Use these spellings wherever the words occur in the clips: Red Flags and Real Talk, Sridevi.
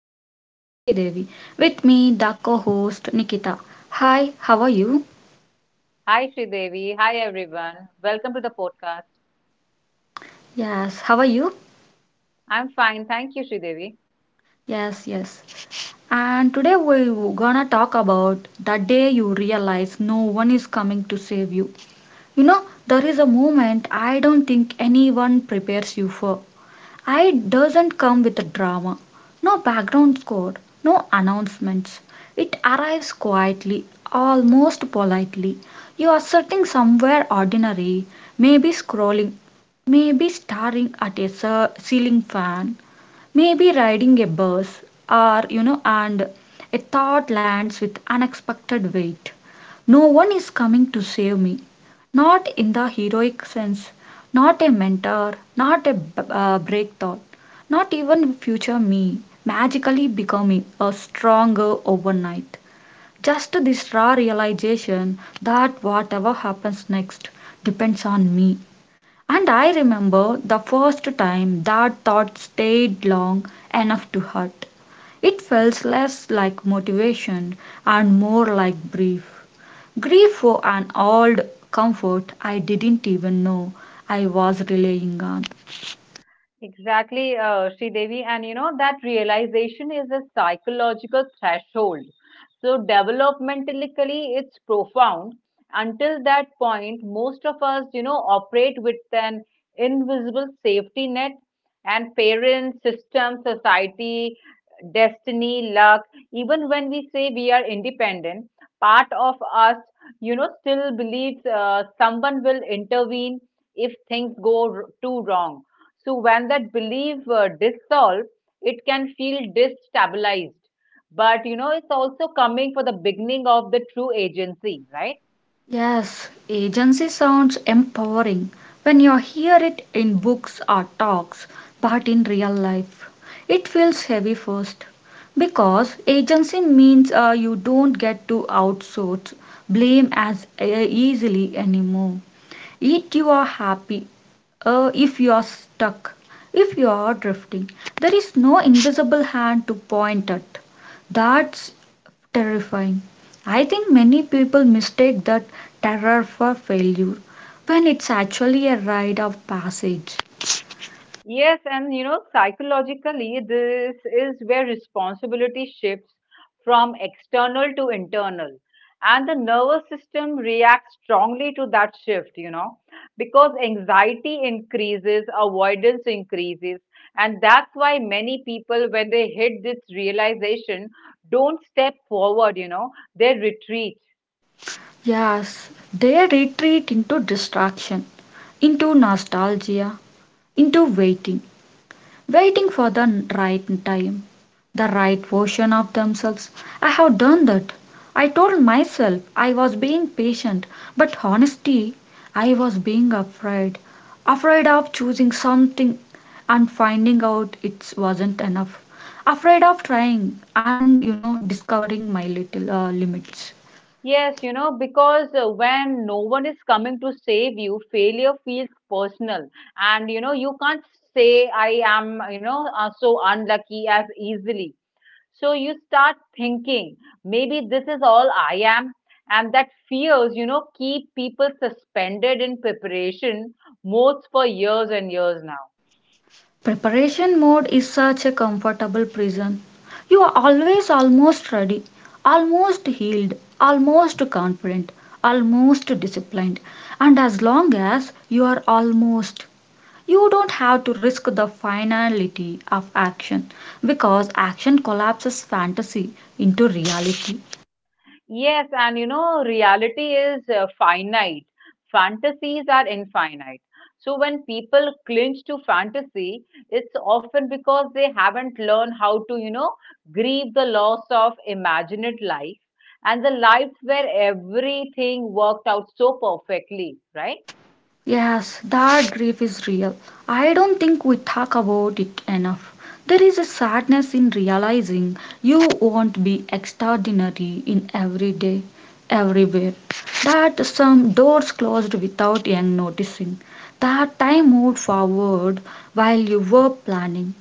your host Sridevi. With me, the co-host Nikita. Hi, how are you? Hi, Sridevi. Hi, everyone. Welcome to the podcast. Yes, how are you? I'm fine. Thank you, Sridevi. Yes, yes. And today we're gonna talk about the day you realize no one is coming to save you. You know, there is a moment I don't think anyone prepares you for. It doesn't come with a drama, no background score, no announcements. It arrives quietly, almost politely. You are sitting somewhere ordinary, maybe scrolling, maybe staring at a ceiling fan, maybe riding a bus or you know and a thought lands with unexpected weight. No one is coming to save me, not in the heroic sense, not a mentor, not a break thought, not even future me magically becoming a stronger overnight, just this raw realization that whatever happens next depends on me. And I remember the first time that thought stayed long enough to hurt. It felt less like motivation and more like grief. Grief for an old comfort I didn't even know I was relying on. Exactly, Devi, and that realization is a psychological threshold. So developmentally, it's profound. Until that point, most of us, operate with an invisible safety net, and parents, system, society, destiny, luck. Even when we say we are independent, part of us, still believes someone will intervene if things go too wrong, so when that belief dissolves, it can feel destabilized. But it's also coming for the beginning of the true agency, right? Yes, agency sounds empowering when you hear it in books or talks, but in real life, it feels heavy first because agency means you don't get to outsource blame as easily anymore. If you are happy, if you are stuck, if you are drifting, there is no invisible hand to point at. That's terrifying. I think many people mistake that terror for failure when it's actually a rite of passage. Yes, and psychologically, this is where responsibility shifts from external to internal. And the nervous system reacts strongly to that shift, because anxiety increases, avoidance increases. And that's why many people, when they hit this realization, don't step forward, they retreat. Yes, they retreat into distraction, into nostalgia, into waiting. Waiting for the right time, the right version of themselves. I have done that. I told myself I was being patient, but honestly, I was being afraid. Afraid of choosing something and finding out it wasn't enough. Afraid of trying and, you know, discovering my little limits. Yes, because when no one is coming to save you, failure feels personal. And, you can't say, I am, so unlucky as easily. So you start thinking, maybe this is all I am. And that fears, keep people suspended in preparation, most for years and years now. Preparation mode is such a comfortable prison. You are always almost ready, almost healed, almost confident, almost disciplined. And as long as you are almost, you don't have to risk the finality of action because action collapses fantasy into reality. Yes, and reality is finite. Fantasies are infinite. So when people clinch to fantasy, it's often because they haven't learned how to, grieve the loss of imagined life and the lives where everything worked out so perfectly, right? Yes, that grief is real. I don't think we talk about it enough. There is a sadness in realizing you won't be extraordinary in every day, everywhere. That some doors closed without young noticing. That time moved forward while you were planning,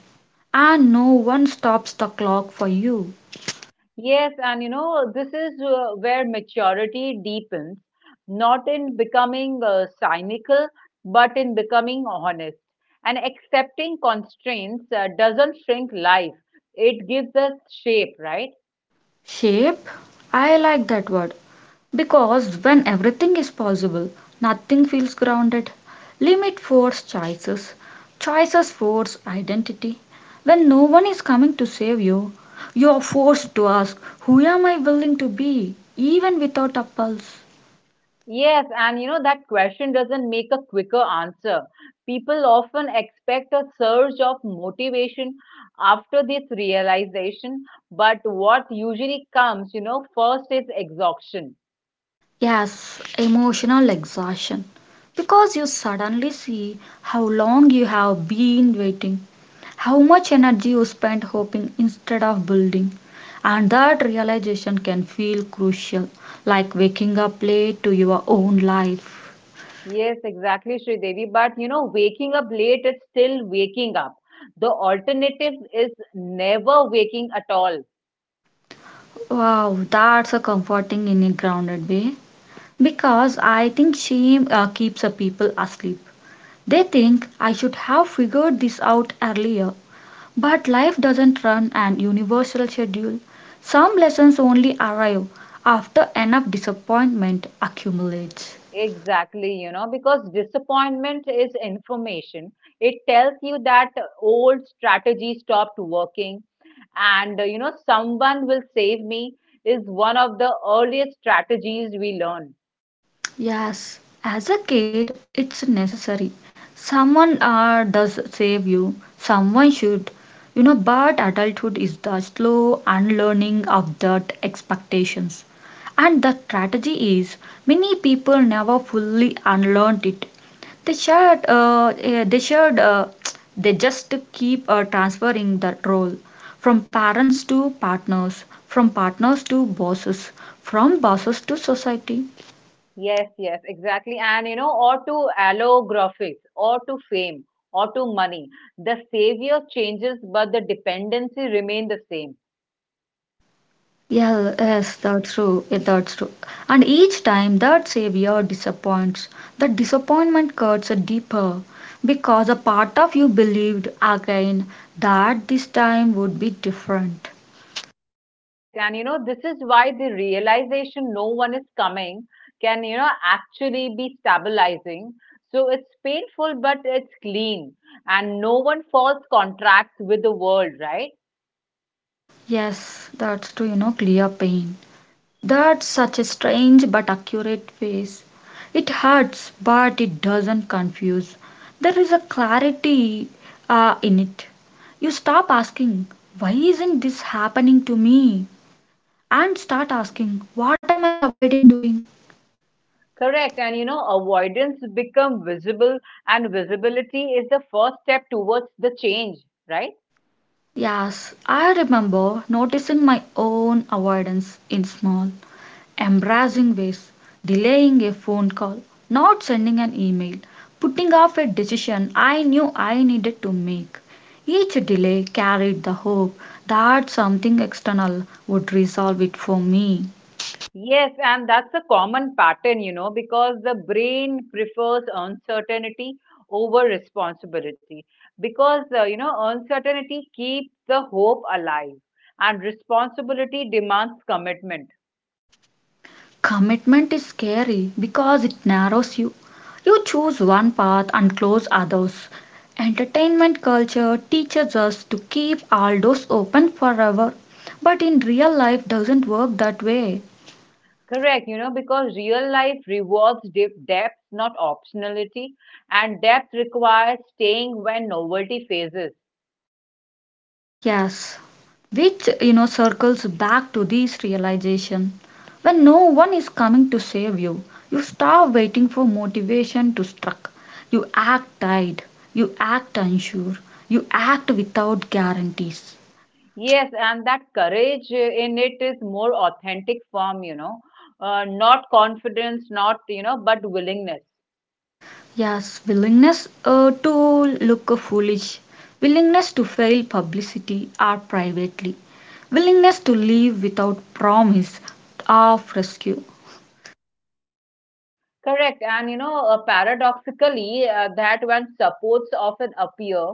and no one stops the clock for you. Yes, and this is where maturity deepens, not in becoming cynical, but in becoming honest. And accepting constraints doesn't shrink life, it gives us shape, right? Shape? I like that word because when everything is possible, nothing feels grounded. Limit force choices, choices force identity. When no one is coming to save you, you are forced to ask, who am I willing to be? Even without a pulse. Yes, and that question doesn't make a quicker answer. People often expect a surge of motivation after this realization, but what usually comes, first is exhaustion. Yes, emotional exhaustion because you suddenly see how long you have been waiting, how much energy you spend hoping instead of building. And that realization can feel crucial, like waking up late to your own life. Yes, exactly, Sridevi. But waking up late is still waking up. The alternative is never waking at all. Wow, that's a comforting in a grounded way. Because I think shame keeps a people asleep. They think I should have figured this out earlier. But life doesn't run an universal schedule. Some lessons only arrive after enough disappointment accumulates. Exactly, because disappointment is information. It tells you that old strategy stopped working, and someone will save me is one of the earliest strategies we learn. Yes, as a kid, it's necessary. Someone does save you, someone should, you know, but adulthood is the slow unlearning of that expectations. And the strategy is many people never fully unlearned it. They shared, eh, they shared, they just keep transferring that role from parents to partners, from partners to bosses, from bosses to society. Yes, yes, exactly. And or to allographics, or to fame, or to money. The savior changes, but the dependency remain the same. Yeah, Yeah. yes, that's true. Yeah, that's true. And each time that savior disappoints, that disappointment cuts deeper because a part of you believed again that this time would be different. Correct. And this is why the realization no one is coming can, actually be stabilizing. So it's painful, but it's clean. And no one falls contracts with the world, right? Yes, that's true, you know, clear pain. That's such a strange but accurate phase. It hurts, but it doesn't confuse. There is a clarity in it. You stop asking, why isn't this happening to me? And start asking, what am I avoiding doing? Correct. And avoidance become visible, and visibility is the first step towards the change, right? Yes, I remember noticing my own avoidance in small, embarrassing ways, delaying a phone call, not sending an email, putting off a decision I knew I needed to make. Each delay carried the hope that something external would resolve it for me. Yes, and that's a common pattern, because the brain prefers uncertainty over responsibility. Because, uncertainty keeps the hope alive and responsibility demands commitment. Commitment is scary because it narrows you. You choose one path and close others. Entertainment culture teaches us to keep all doors open forever, but in real life doesn't work that way. Correct, because real life rewards depth, not optionality, and depth requires staying when novelty phases. Yes, which you know circles back to this realization. When no one is coming to save you, you stop waiting for motivation to strike. You act tired, you act unsure, you act without guarantees. Yes, and that courage in it is more authentic form, not confidence, not, but willingness. Yes, willingness to look foolish, willingness to fail publicity or privately, willingness to leave without promise of rescue. Correct. And, paradoxically, that when supports often appear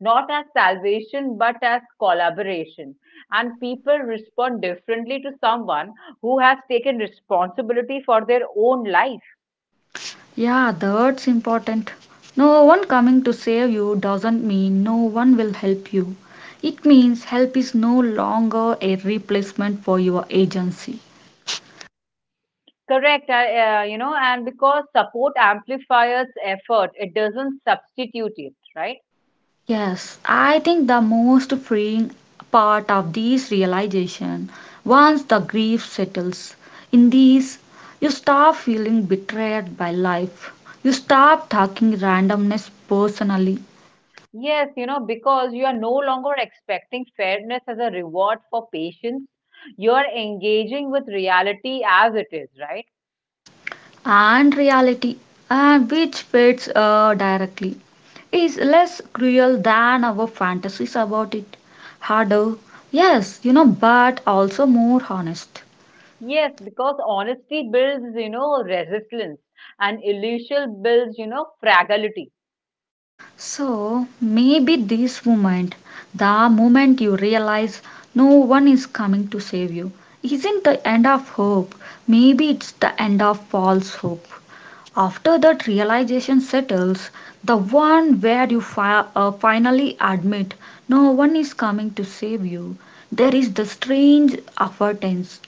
not as salvation but as collaboration, and people respond differently to someone who has taken responsibility for their own life. Yeah, that's important. No one coming to save you doesn't mean no one will help you. It means help is no longer a replacement for your agency. Correct. And because support amplifies effort, it doesn't substitute it, right? Yes, I think the most freeing part of this realization, once the grief settles in these, you stop feeling betrayed by life. You stop taking randomness personally. Yes, because you are no longer expecting fairness as a reward for patience. You are engaging with reality as it is, right? And reality which fits directly is less cruel than our fantasies about it. Harder, yes, you know, but also more honest. Yes, because honesty builds, resistance, and illusion builds, fragility. So maybe this moment, the moment you realize no one is coming to save you, isn't the end of hope. Maybe it's the end of false hope. After that realization settles, the one where you finally admit no one is coming to save you, there is the strange avoidance.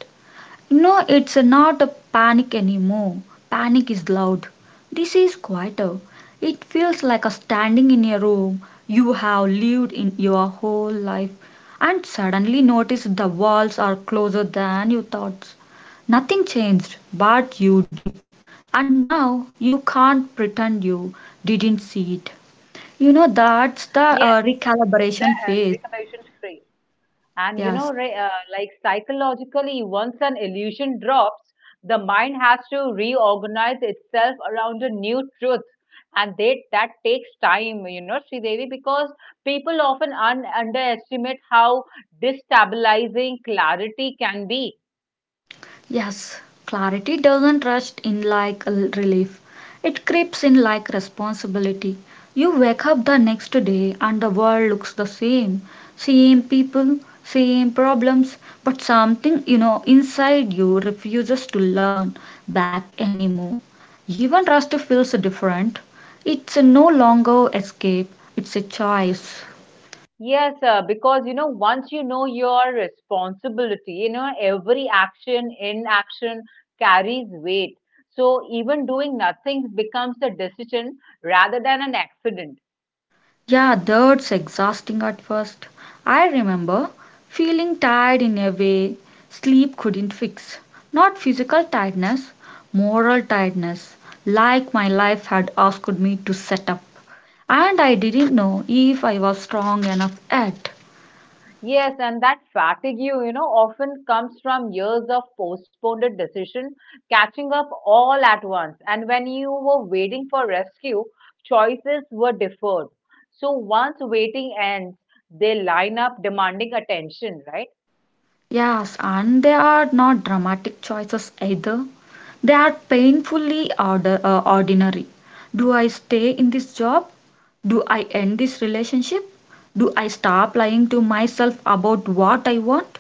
No, it's not a panic anymore. Panic is loud. This is quieter. It feels like a standing in a room you have lived in your whole life and suddenly notice the walls are closer than you thought. Nothing changed, but you did. And now you can't pretend you didn't see it. You know, that's the Yes, the recalibration phase. recommendation free. And Yes. Like psychologically, once an illusion drops, the mind has to reorganize itself around a new truth. And they, that takes time, Sridevi, because people often underestimate how destabilizing clarity can be. Yes, clarity doesn't rush in like a relief. It creeps in like responsibility. You wake up the next day and the world looks the same. Same people, same problems, but something, you know, inside you refuses to learn back anymore. Even rust feels different. It's no longer escape, it's a choice. Yes, because once you know your responsibility, every action, inaction carries weight. So even doing nothing becomes a decision rather than an accident. Yeah, that's exhausting at first. I remember feeling tired in a way sleep couldn't fix. Not physical tiredness, moral tiredness, like my life had asked me to set up. And I didn't know if I was strong enough yet. Yes, and that fatigue, often comes from years of postponed decision, catching up all at once. And when you were waiting for rescue, choices were deferred. So once waiting ends, they line up demanding attention, right? Yes, and they are not dramatic choices either. They are painfully ordinary. Do I stay in this job? Do I end this relationship? Do I stop lying to myself about what I want?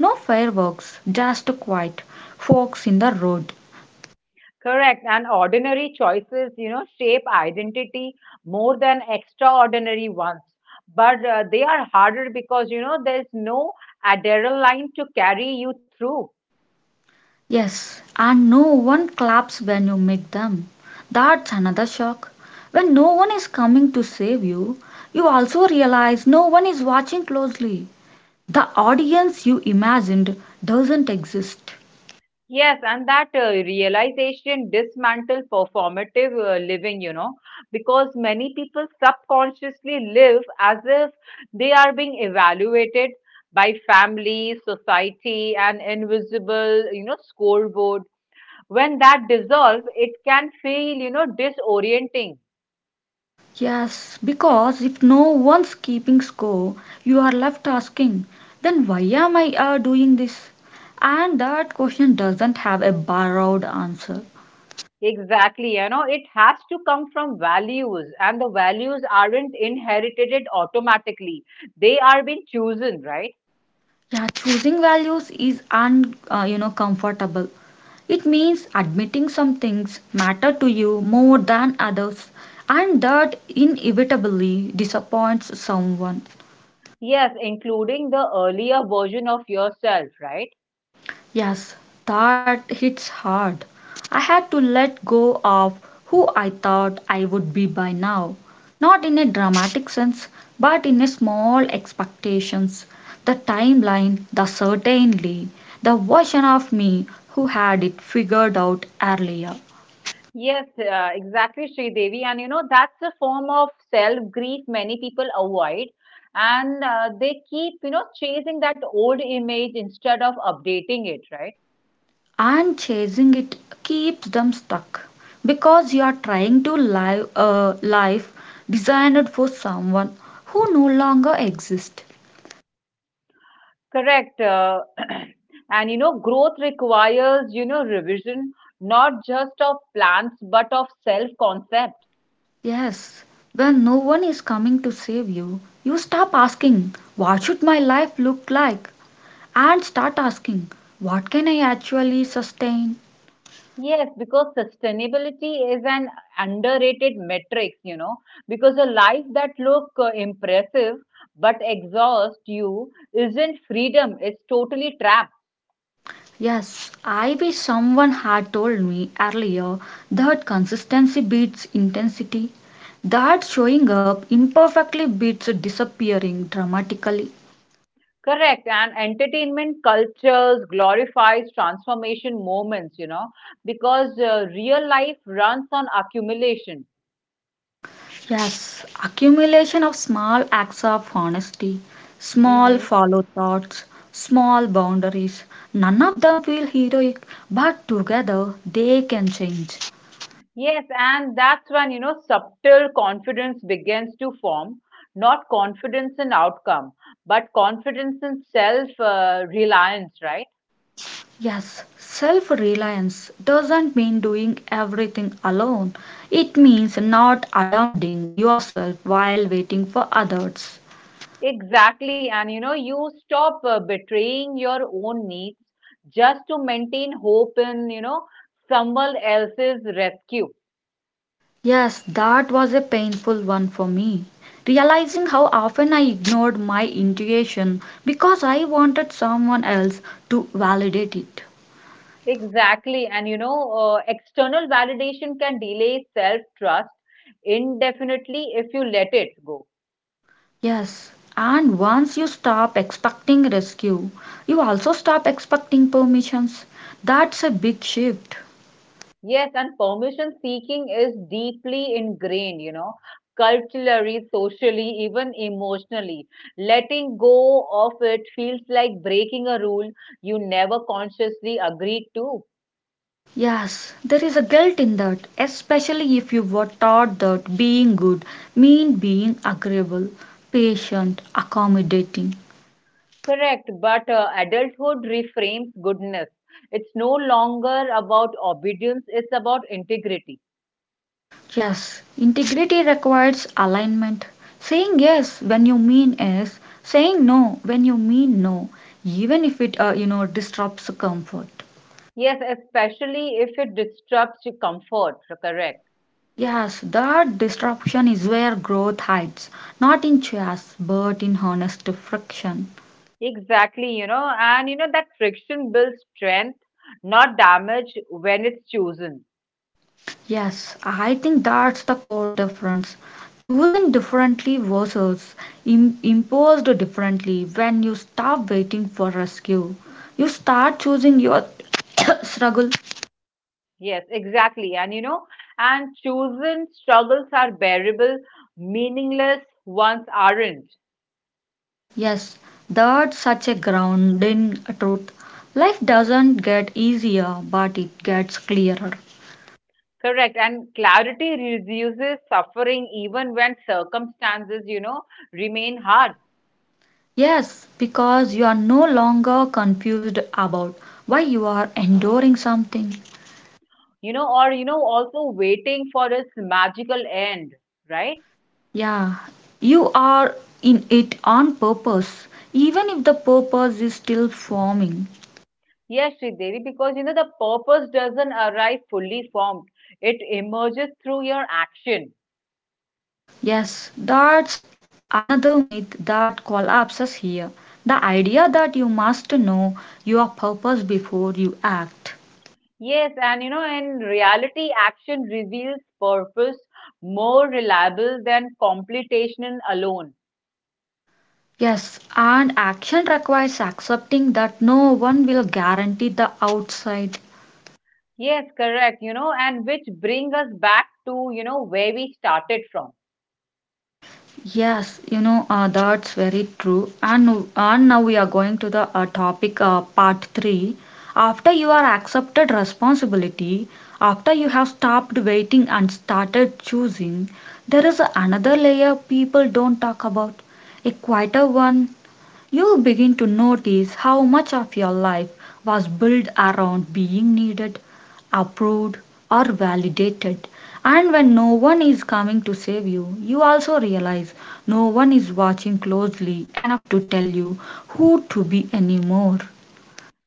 No fireworks, just quiet, forks in the road. Correct. And ordinary choices, shape identity more than extraordinary ones. But they are harder because, there's no adrenaline to carry you through. Yes, and no one claps when you make them. That's another shock. When no one is coming to save you, you also realize no one is watching closely. The audience you imagined doesn't exist. Yes, and that realization dismantle performative living, because many people subconsciously live as if they are being evaluated by family, society, and invisible, scoreboard when that dissolves, it can feel, disorienting. Yes, because if no one's keeping score, you are left asking, then why am I doing this? And that question doesn't have a borrowed answer. Exactly, it has to come from values, and the values aren't inherited it automatically, they are being chosen, right? Yeah, choosing values is you know, comfortable. It means admitting some things matter to you more than others, and that inevitably disappoints someone. Yes, including the earlier version of yourself, right? Yes, that hits hard. I had to let go of who I thought I would be by now. Not in a dramatic sense, but in a small expectations. The timeline, the certainly, the version of me who had it figured out earlier. Yes, exactly, Sri Devi. And that's a form of self grief many people avoid, and they keep chasing that old image instead of updating it, right? And chasing it keeps them stuck because you are trying to live a life designed for someone who no longer exists. Correct. And growth requires, revision, not just of plans, but of self concept. Yes, when no one is coming to save you, you stop asking, what should my life look like? And start asking, what can I actually sustain? Yes, because sustainability is an underrated metrics, because a life that look impressive but exhaust you isn't freedom, it's totally trap. Yes, I wish someone had told me earlier that consistency beats intensity, that showing up imperfectly beats disappearing dramatically. Correct. And entertainment cultures glorifies transformation moments, because real life runs on accumulation. Yes, accumulation of small acts of honesty, small Mhm. follow thoughts, small boundaries. None of them feel heroic, but together they can change. Yes, and that's when, subtle confidence begins to form, not confidence in outcome, but confidence in self reliance, right? Yes, self reliance doesn't mean doing everything alone, it means not abandoning yourself while waiting for others. Exactly. And, you stop betraying your own needs just to maintain hope in, someone else's rescue. Yes, that was a painful one for me. Realizing how often I ignored my intuition because I wanted someone else to validate it. Exactly. And, external validation can delay self trust indefinitely if you let it go. Yes, and once you stop expecting rescue, you also stop expecting permissions. That's a big shift. Yes, and permission seeking is deeply ingrained, culturally, socially, even emotionally. Letting go of it feels like breaking a rule you never consciously agreed to. Yes, there is a guilt in that, especially if you were taught that being good mean being agreeable, patient, accommodating. Correct, but adulthood reframes goodness. It's no longer about obedience, it's about integrity. Yes, integrity requires alignment. Saying yes when you mean yes, saying no when you mean no, even if it you know disrupts comfort. Yes, especially if it disrupts your comfort. Correct. Yes, that disruption is where growth hides, not in chaos but in honest friction. Exactly, you know that friction builds strength, not damage when it's chosen. Yes, I think that's the core difference. Chosen differently versus imposed differently when you stop waiting for rescue. You start choosing your struggle. Yes, exactly. And and chosen struggles are bearable, meaningless ones aren't. Yes, that's such a grounding truth. Life doesn't get easier, but it gets clearer. Correct. And clarity reduces suffering even when circumstances, remain hard, Yes, because you are no longer confused about why you are enduring something. Or, also waiting for its magical end, right? Yeah, you are in it on purpose, even if the purpose is still forming. Yes, Sridevi, because the purpose doesn't arrive fully formed. It emerges through your action. Yes, that's another myth that collapses here. The idea that you must know your purpose before you act. Yes, and in reality, action reveals purpose more reliable than complication alone. Yes, and action requires accepting that no one will guarantee the outside. Yes, correct, and which bring us back to, where we started from. Yes, you know, that's very true. And now we are going to the topic part 3. After you are accepted responsibility, after you have stopped waiting and started choosing, there is another layer people don't talk about, a quieter one. You begin to notice how much of your life was built around being needed, approved, or validated. And when no one is coming to save you, you also realize no one is watching closely enough to tell you who to be anymore.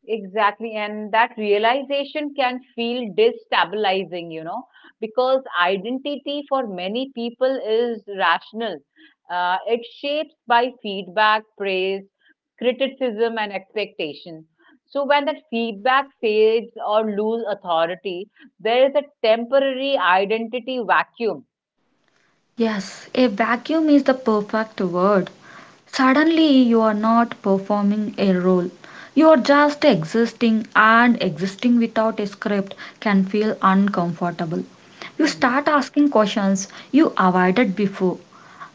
Exactly, and that realization can feel destabilizing, because identity for many people is rational. It shapes by feedback, praise, criticism, and expectation. So when that feedback fades or lose authority, there is a temporary identity vacuum. Yes, a vacuum is the perfect word. Suddenly, you are not performing a role. You are just existing, and existing without a script can feel uncomfortable. You Mhm. start asking questions you avoided before.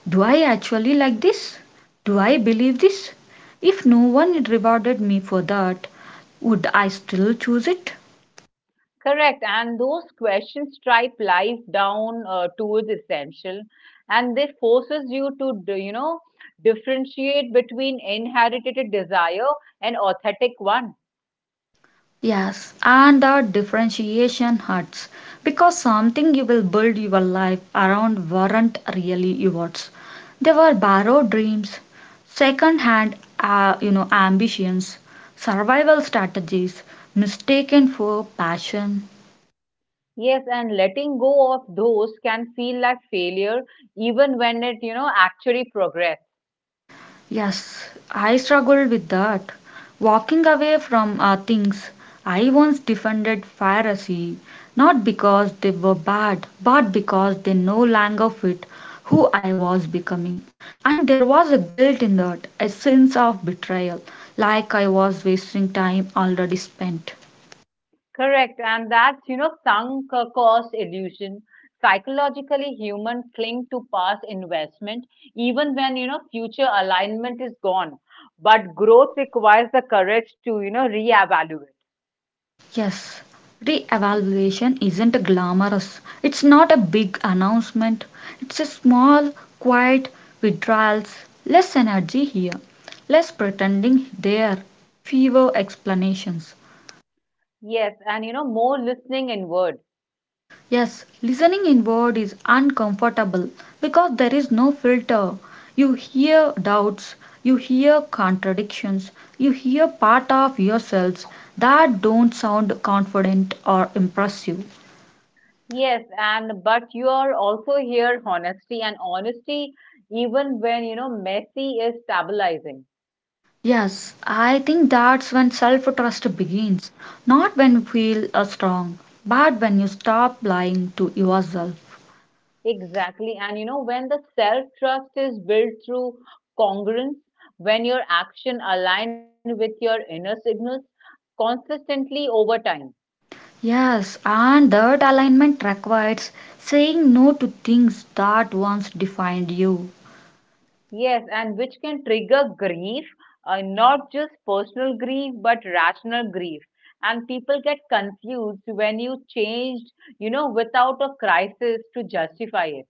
Do I actually like this? Do I believe this? If no one rewarded me for that, would I still choose it? Correct, and those questions strip life down to its essential, and they forces you to, differentiate between inherited desire and authentic one. Yes, and that differentiation hurts because something you will build your life around weren't really yours. They were borrowed dreams, second-hand, you know, ambitions, survival strategies, mistaken for passion. Yes, and letting go of those can feel like failure, even when it, actually progress. Yes, I struggled with that. Walking away from things. I once defended piracy, not because they were bad, but because they no longer fit who I was becoming. And there was a guilt in that, a sense of betrayal, like I was wasting time already spent. Correct. And that's sunk cost illusion. Psychologically, human cling to past investment, even when, future alignment is gone. But growth requires the courage to, reevaluate. Yes, re-evaluation isn't glamorous. It's not a big announcement. It's a small, quiet withdrawals. Less energy here, less pretending there, fewer explanations. Yes. And, more listening inward. Yes, listening inward is uncomfortable because there is no filter. You hear doubts, you hear contradictions, you hear part of yourselves that don't sound confident or impressive. Yes. And, but you are also here honesty and honesty, even when, messy is stabilizing. Yes, I think that's when self trust begins. Not when you feel strong, but when you stop lying to yourself. Exactly. And when the self trust is built through congruence, when your action align with your inner signals consistently over time. Yes, and that alignment requires saying no to things that once defined you. Yes, and which can trigger grief, not just personal grief, but rational grief. And people get confused when you changed, without a crisis to justify it.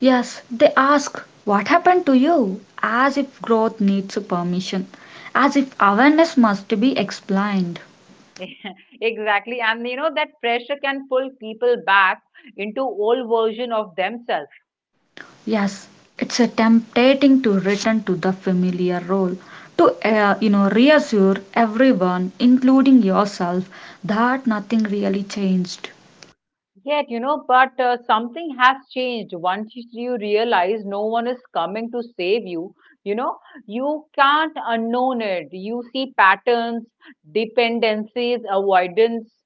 Yes, they ask, "What happened to you?" as if growth needs permission, as if awareness must be explained. Yeah, exactly. And that pressure can pull people back into old version of themselves. Yes, it's a tempting to return to the familiar role to, you know, reassure everyone including yourself that nothing really changed. Yet, but something has changed. Once you realize no one is coming to save you, you know, you can't unknown it. You see patterns, dependencies, avoidance.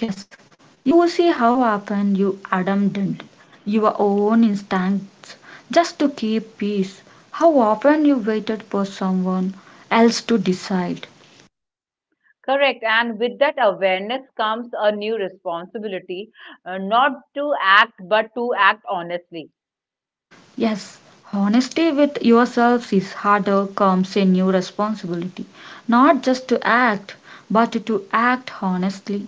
Yes, you will see how often you abandoned your own instincts just to keep peace. How often you waited for someone else to decide. Correct. And with that awareness comes a new responsibility, not to act, but to act honestly. Yes, honesty with yourselves is harder comes a new responsibility. Not just to act, but to act honestly.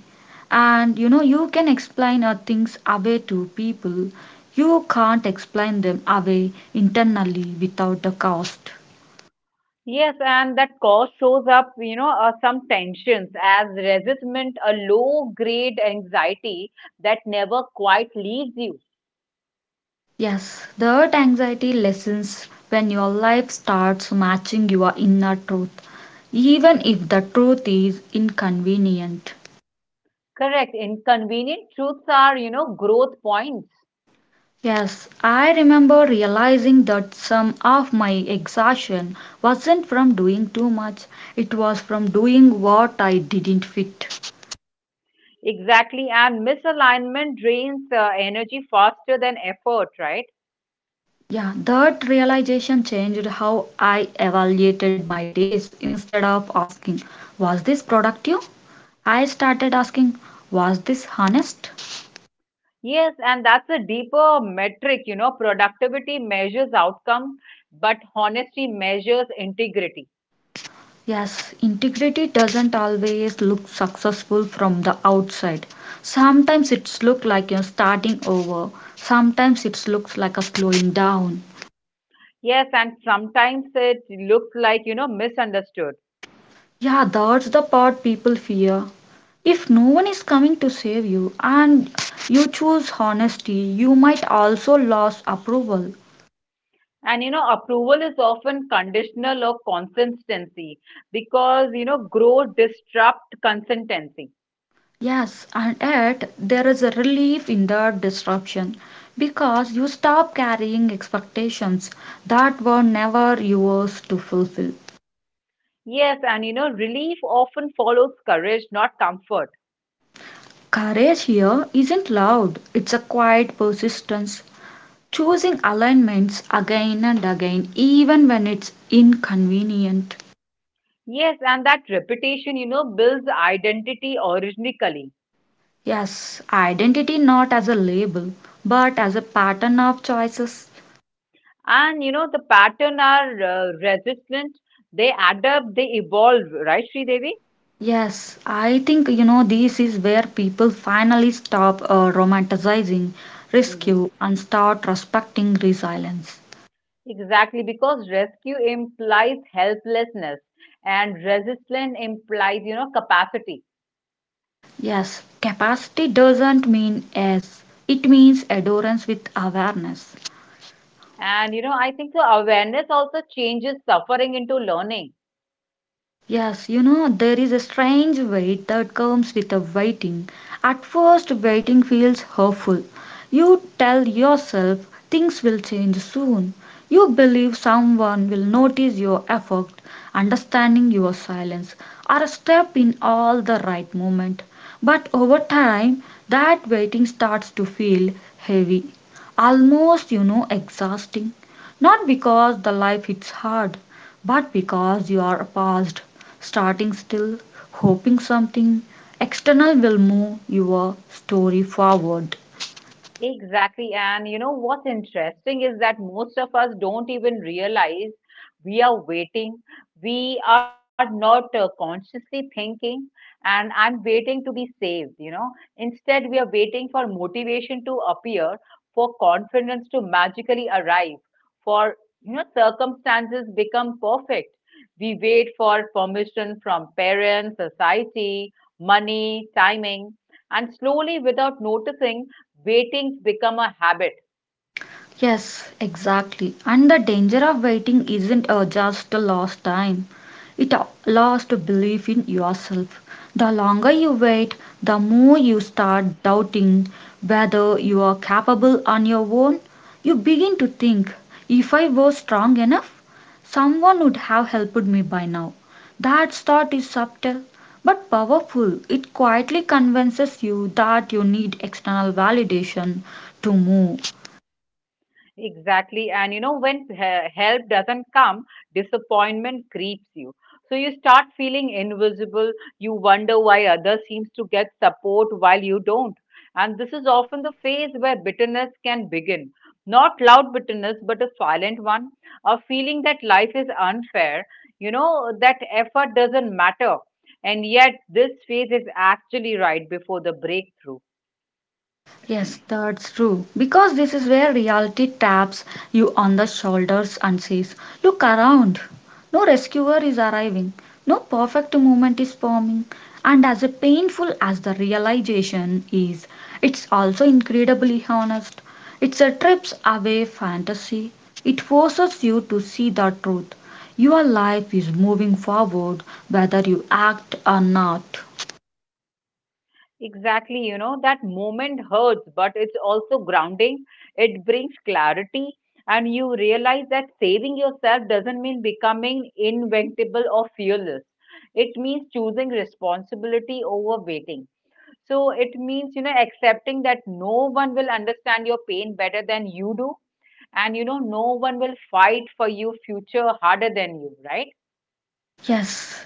And you know, you can explain things away to people. You can't explain them away internally without the cost. Yes, and that cause shows up, some tensions as resentment, a low grade anxiety that never quite leaves you. Yes, that anxiety lessens when your life starts matching your inner truth, even if the truth is inconvenient. Correct. Inconvenient truths are, growth points. Yes, I remember realizing that some of my exhaustion wasn't from doing too much, it was from doing what I didn't fit. Exactly. And misalignment drains energy faster than effort, right? Yeah, that realization changed how I evaluated my days. Instead of asking, was this productive? I started asking, was this honest? Yes. And that's a deeper metric, productivity measures outcome, but honesty measures integrity. Yes, integrity doesn't always look successful from the outside. Sometimes it's look like you're starting over. Sometimes it looks like a slowing down. Yes. And sometimes it looks like, misunderstood. Yeah, that's the part people fear. If no one is coming to save you and you choose honesty, you might also lose approval. And, approval is often conditional or consistency because, growth disrupt consistency. Yes, and yet there is a relief in the disruption because you stop carrying expectations that were never yours to fulfill. Yes, and relief often follows courage, not comfort. Courage here isn't loud, it's a quiet persistence, choosing alignments again and again, even when it's inconvenient. Yes, and that reputation, builds identity originally. Yes, identity not as a label, but as a pattern of choices. And the pattern are resistant, they adapt, they evolve, right, Sri Devi? Yes, I think you know this is where people finally stop romanticizing Hmm. rescue and start respecting resilience. Exactly, because rescue implies helplessness and resistance implies, capacity. Yes, capacity doesn't mean as, it means adherence with awareness. And I think the awareness also changes suffering into learning. Yes, you know, there is a strange weight that comes with the waiting. At first, waiting feels hopeful. You tell yourself things will change soon. You believe someone will notice your effort, understanding your silence, or a step in all the right moment. But over time, that waiting starts to feel heavy, almost, you know, exhausting. Not because the life is hard, but because you are paused, starting still, hoping something external will move your story forward. Exactly. And what's interesting is that most of us don't even realize we are waiting. We are not consciously thinking, and I'm waiting to be saved, you know. Instead, we are waiting for motivation to appear, for confidence to magically arrive, for, you know, circumstances become perfect. We wait for permission from parents, society, money, timing, and slowly, without noticing, waiting become a habit. Yes, exactly. And the danger of waiting isn't just a lost time, it a lost belief in yourself. The longer you wait, the more you start doubting whether you are capable on your own. You begin to think, if I was strong enough, someone would have helped me by now. That thought is subtle but powerful. It quietly convinces you that you need external validation to move. Exactly. And you know when help doesn't come, disappointment creeps you, so you start feeling invisible. You wonder why others seems to get support while you don't, and this is often the phase where bitterness can begin, not loud bitterness but a silent one, a feeling that life is unfair, you know, that effort doesn't matter. And yet this phase is actually right before the breakthrough. Yes, that's true. Because this is where reality taps you on the shoulders and says, look around. No rescuer is arriving, no perfect moment is forming. And as painful as the realization is, it's also incredibly honest. It's a trips away fantasy. It forces you to see the truth. Your life is moving forward whether you act or not. Exactly, you know, that moment hurts, but it's also grounding. It brings clarity, and you realize that saving yourself doesn't mean becoming invincible or fearless. It means choosing responsibility over waiting. So it means, you know, accepting that no one will understand your pain better than you do, and you know, no one will fight for your future harder than you, right? Yes,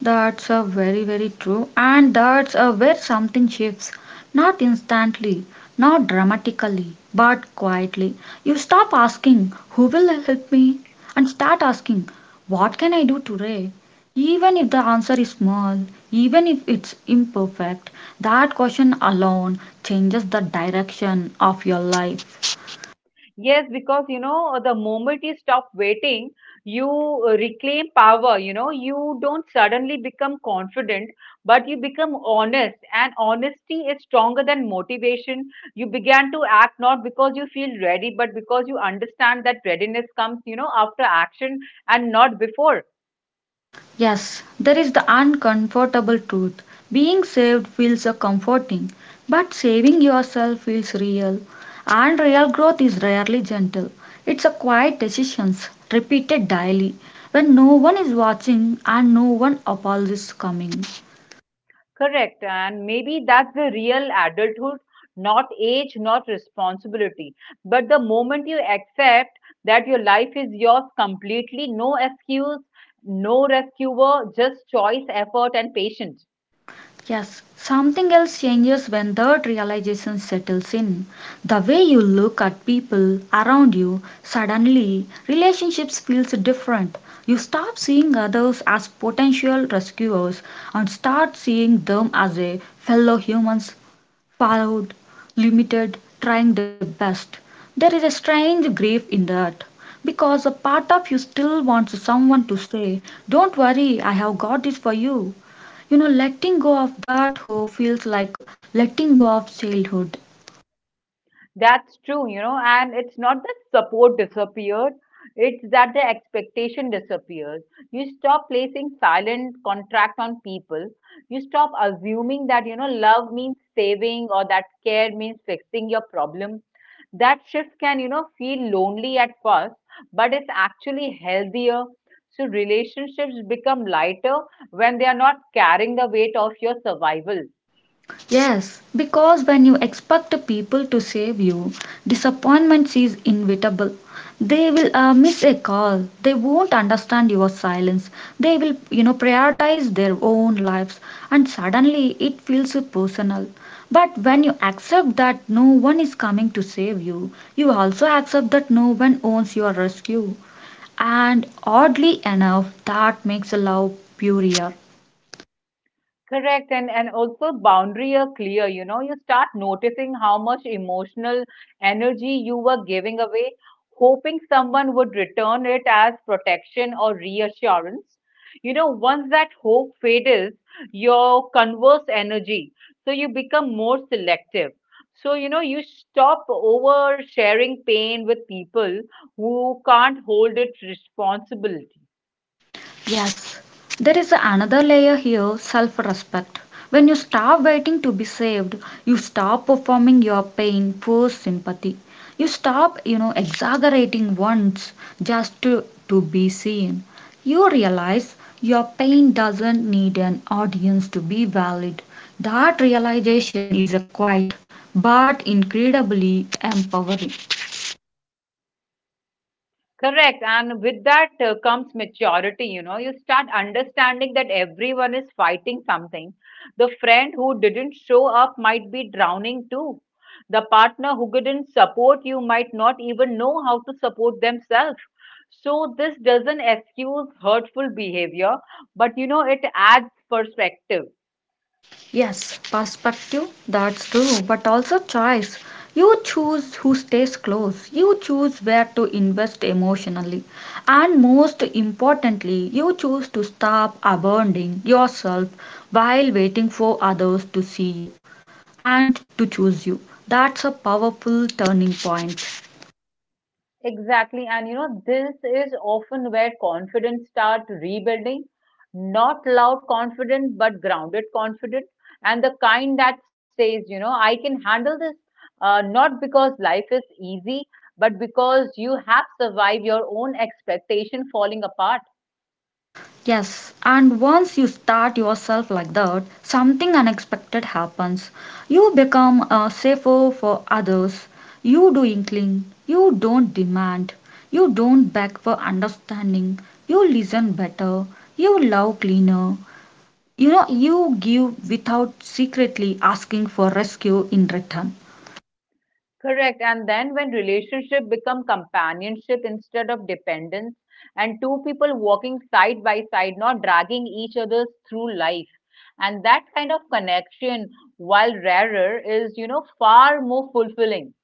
that's a very, very true. And that's a where something shifts, not instantly, not dramatically, but quietly. You stop asking, who will help me? And start asking, what can I do today? Even if the answer is small, even if it's imperfect, that question alone changes the direction of your life. Yes, because you know, the moment you stop waiting, you reclaim power. You know, you don't suddenly become confident, but you become honest. And honesty is stronger than motivation. You began to act not because you feel ready, but because you understand that readiness comes, you know, after action and not before. Yes, there is the uncomfortable truth. Being saved feels comforting, but saving yourself feels real. And real growth is rarely gentle. It's a quiet decisions repeated daily when no one is watching and no one apologizes coming. Correct. And maybe that's the real adulthood, not age, not responsibility. But the moment you accept that your life is yours completely, no excuse, no rescuer, just choice, effort, and patience. Yes, something else changes when that realization settles in. The way you look at people around you, suddenly relationships feels different. You stop seeing others as potential rescuers and start seeing them as a fellow humans, flawed, limited, trying the best. There is a strange grief in that because a part of you still wants someone to say, "Don't worry, I have got this for you." You know, letting go of that hope feels like letting go of childhood. That's true, you know, and it's not that support disappeared, it's that the expectation disappears. You stop placing silent contract on people. You stop assuming that, you know, love means saving or that care means fixing your problem. That shift can, you know, feel lonely at first, but it's actually healthier. So relationships become lighter when they are not carrying the weight of your survival. Yes, because when you expect people to save you, disappointment is inevitable. They will miss a call. They won't understand your silence. They will, you know, prioritize their own lives, and suddenly it feels personal. But when you accept that no one is coming to save you, you also accept that no one owns your rescue. And oddly enough, that makes love purer. Correct, and also boundary are clear. You know, you start noticing how much emotional energy you were giving away, hoping someone would return it as protection or reassurance. You know, once that hope fades, your converse energy, so you become more selective. So, you know, you stop oversharing pain with people who can't hold it responsibility. Yes, there is another layer here self respect. When you stop waiting to be saved, you stop performing your pain for sympathy. You stop, you know, exaggerating once just to be seen. You realize your pain doesn't need an audience to be valid. That realization is a quiet but incredibly empowering. Correct. And with that comes maturity, you know. You start understanding that everyone is fighting something. The friend who didn't show up might be drowning too. The partner who didn't support you might not even know how to support themselves. So this doesn't excuse hurtful behavior, but you know, it adds perspective. Yes, perspective, that's true, but also choice. You choose who stays close, you choose where to invest emotionally, and most importantly, you choose to stop abandoning yourself while waiting for others to see you and to choose you. That's a powerful turning point. Exactly, and you know, this is often where confidence start rebuilding, not loud confidence, but grounded confidence, and the kind that says, you know, I can handle this, not because life is easy, but because you have survived your own expectation falling apart. Yes, and once you start yourself like that, something unexpected happens. You become a safer for others. You doing clean. You don't demand. You don't beg for understanding. You listen better. You love cleaner. You know, you give without secretly asking for rescue in return. Correct. And then when relationship become companionship instead of dependence, and two people walking side by side, not dragging each other through life. And that kind of connection, while rarer, is, you know, far more fulfilling.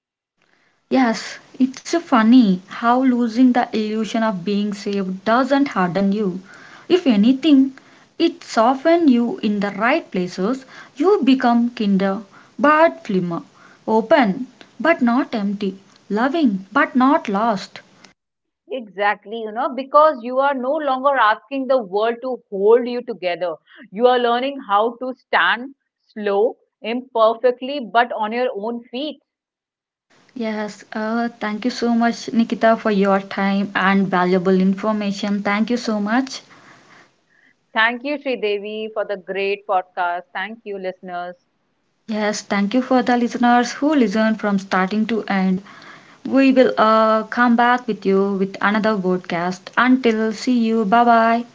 Yes, it's funny how losing the illusion of being safe doesn't harden you. If anything, it softens you in the right places. You become kinder, but flimmer, open, but not empty, loving, but not lost. Exactly, you know, because you are no longer asking the world to hold you together. You are learning how to stand slow, imperfectly, but on your own feet. Yes, thank you so much, Nikita, for your time and valuable information. Thank you so much. Thank you, Sridevi, for the great podcast. Thank you, listeners. Yes, thank you for the listeners who listened from starting to end. We will come back with you with another podcast. Until see you, bye bye.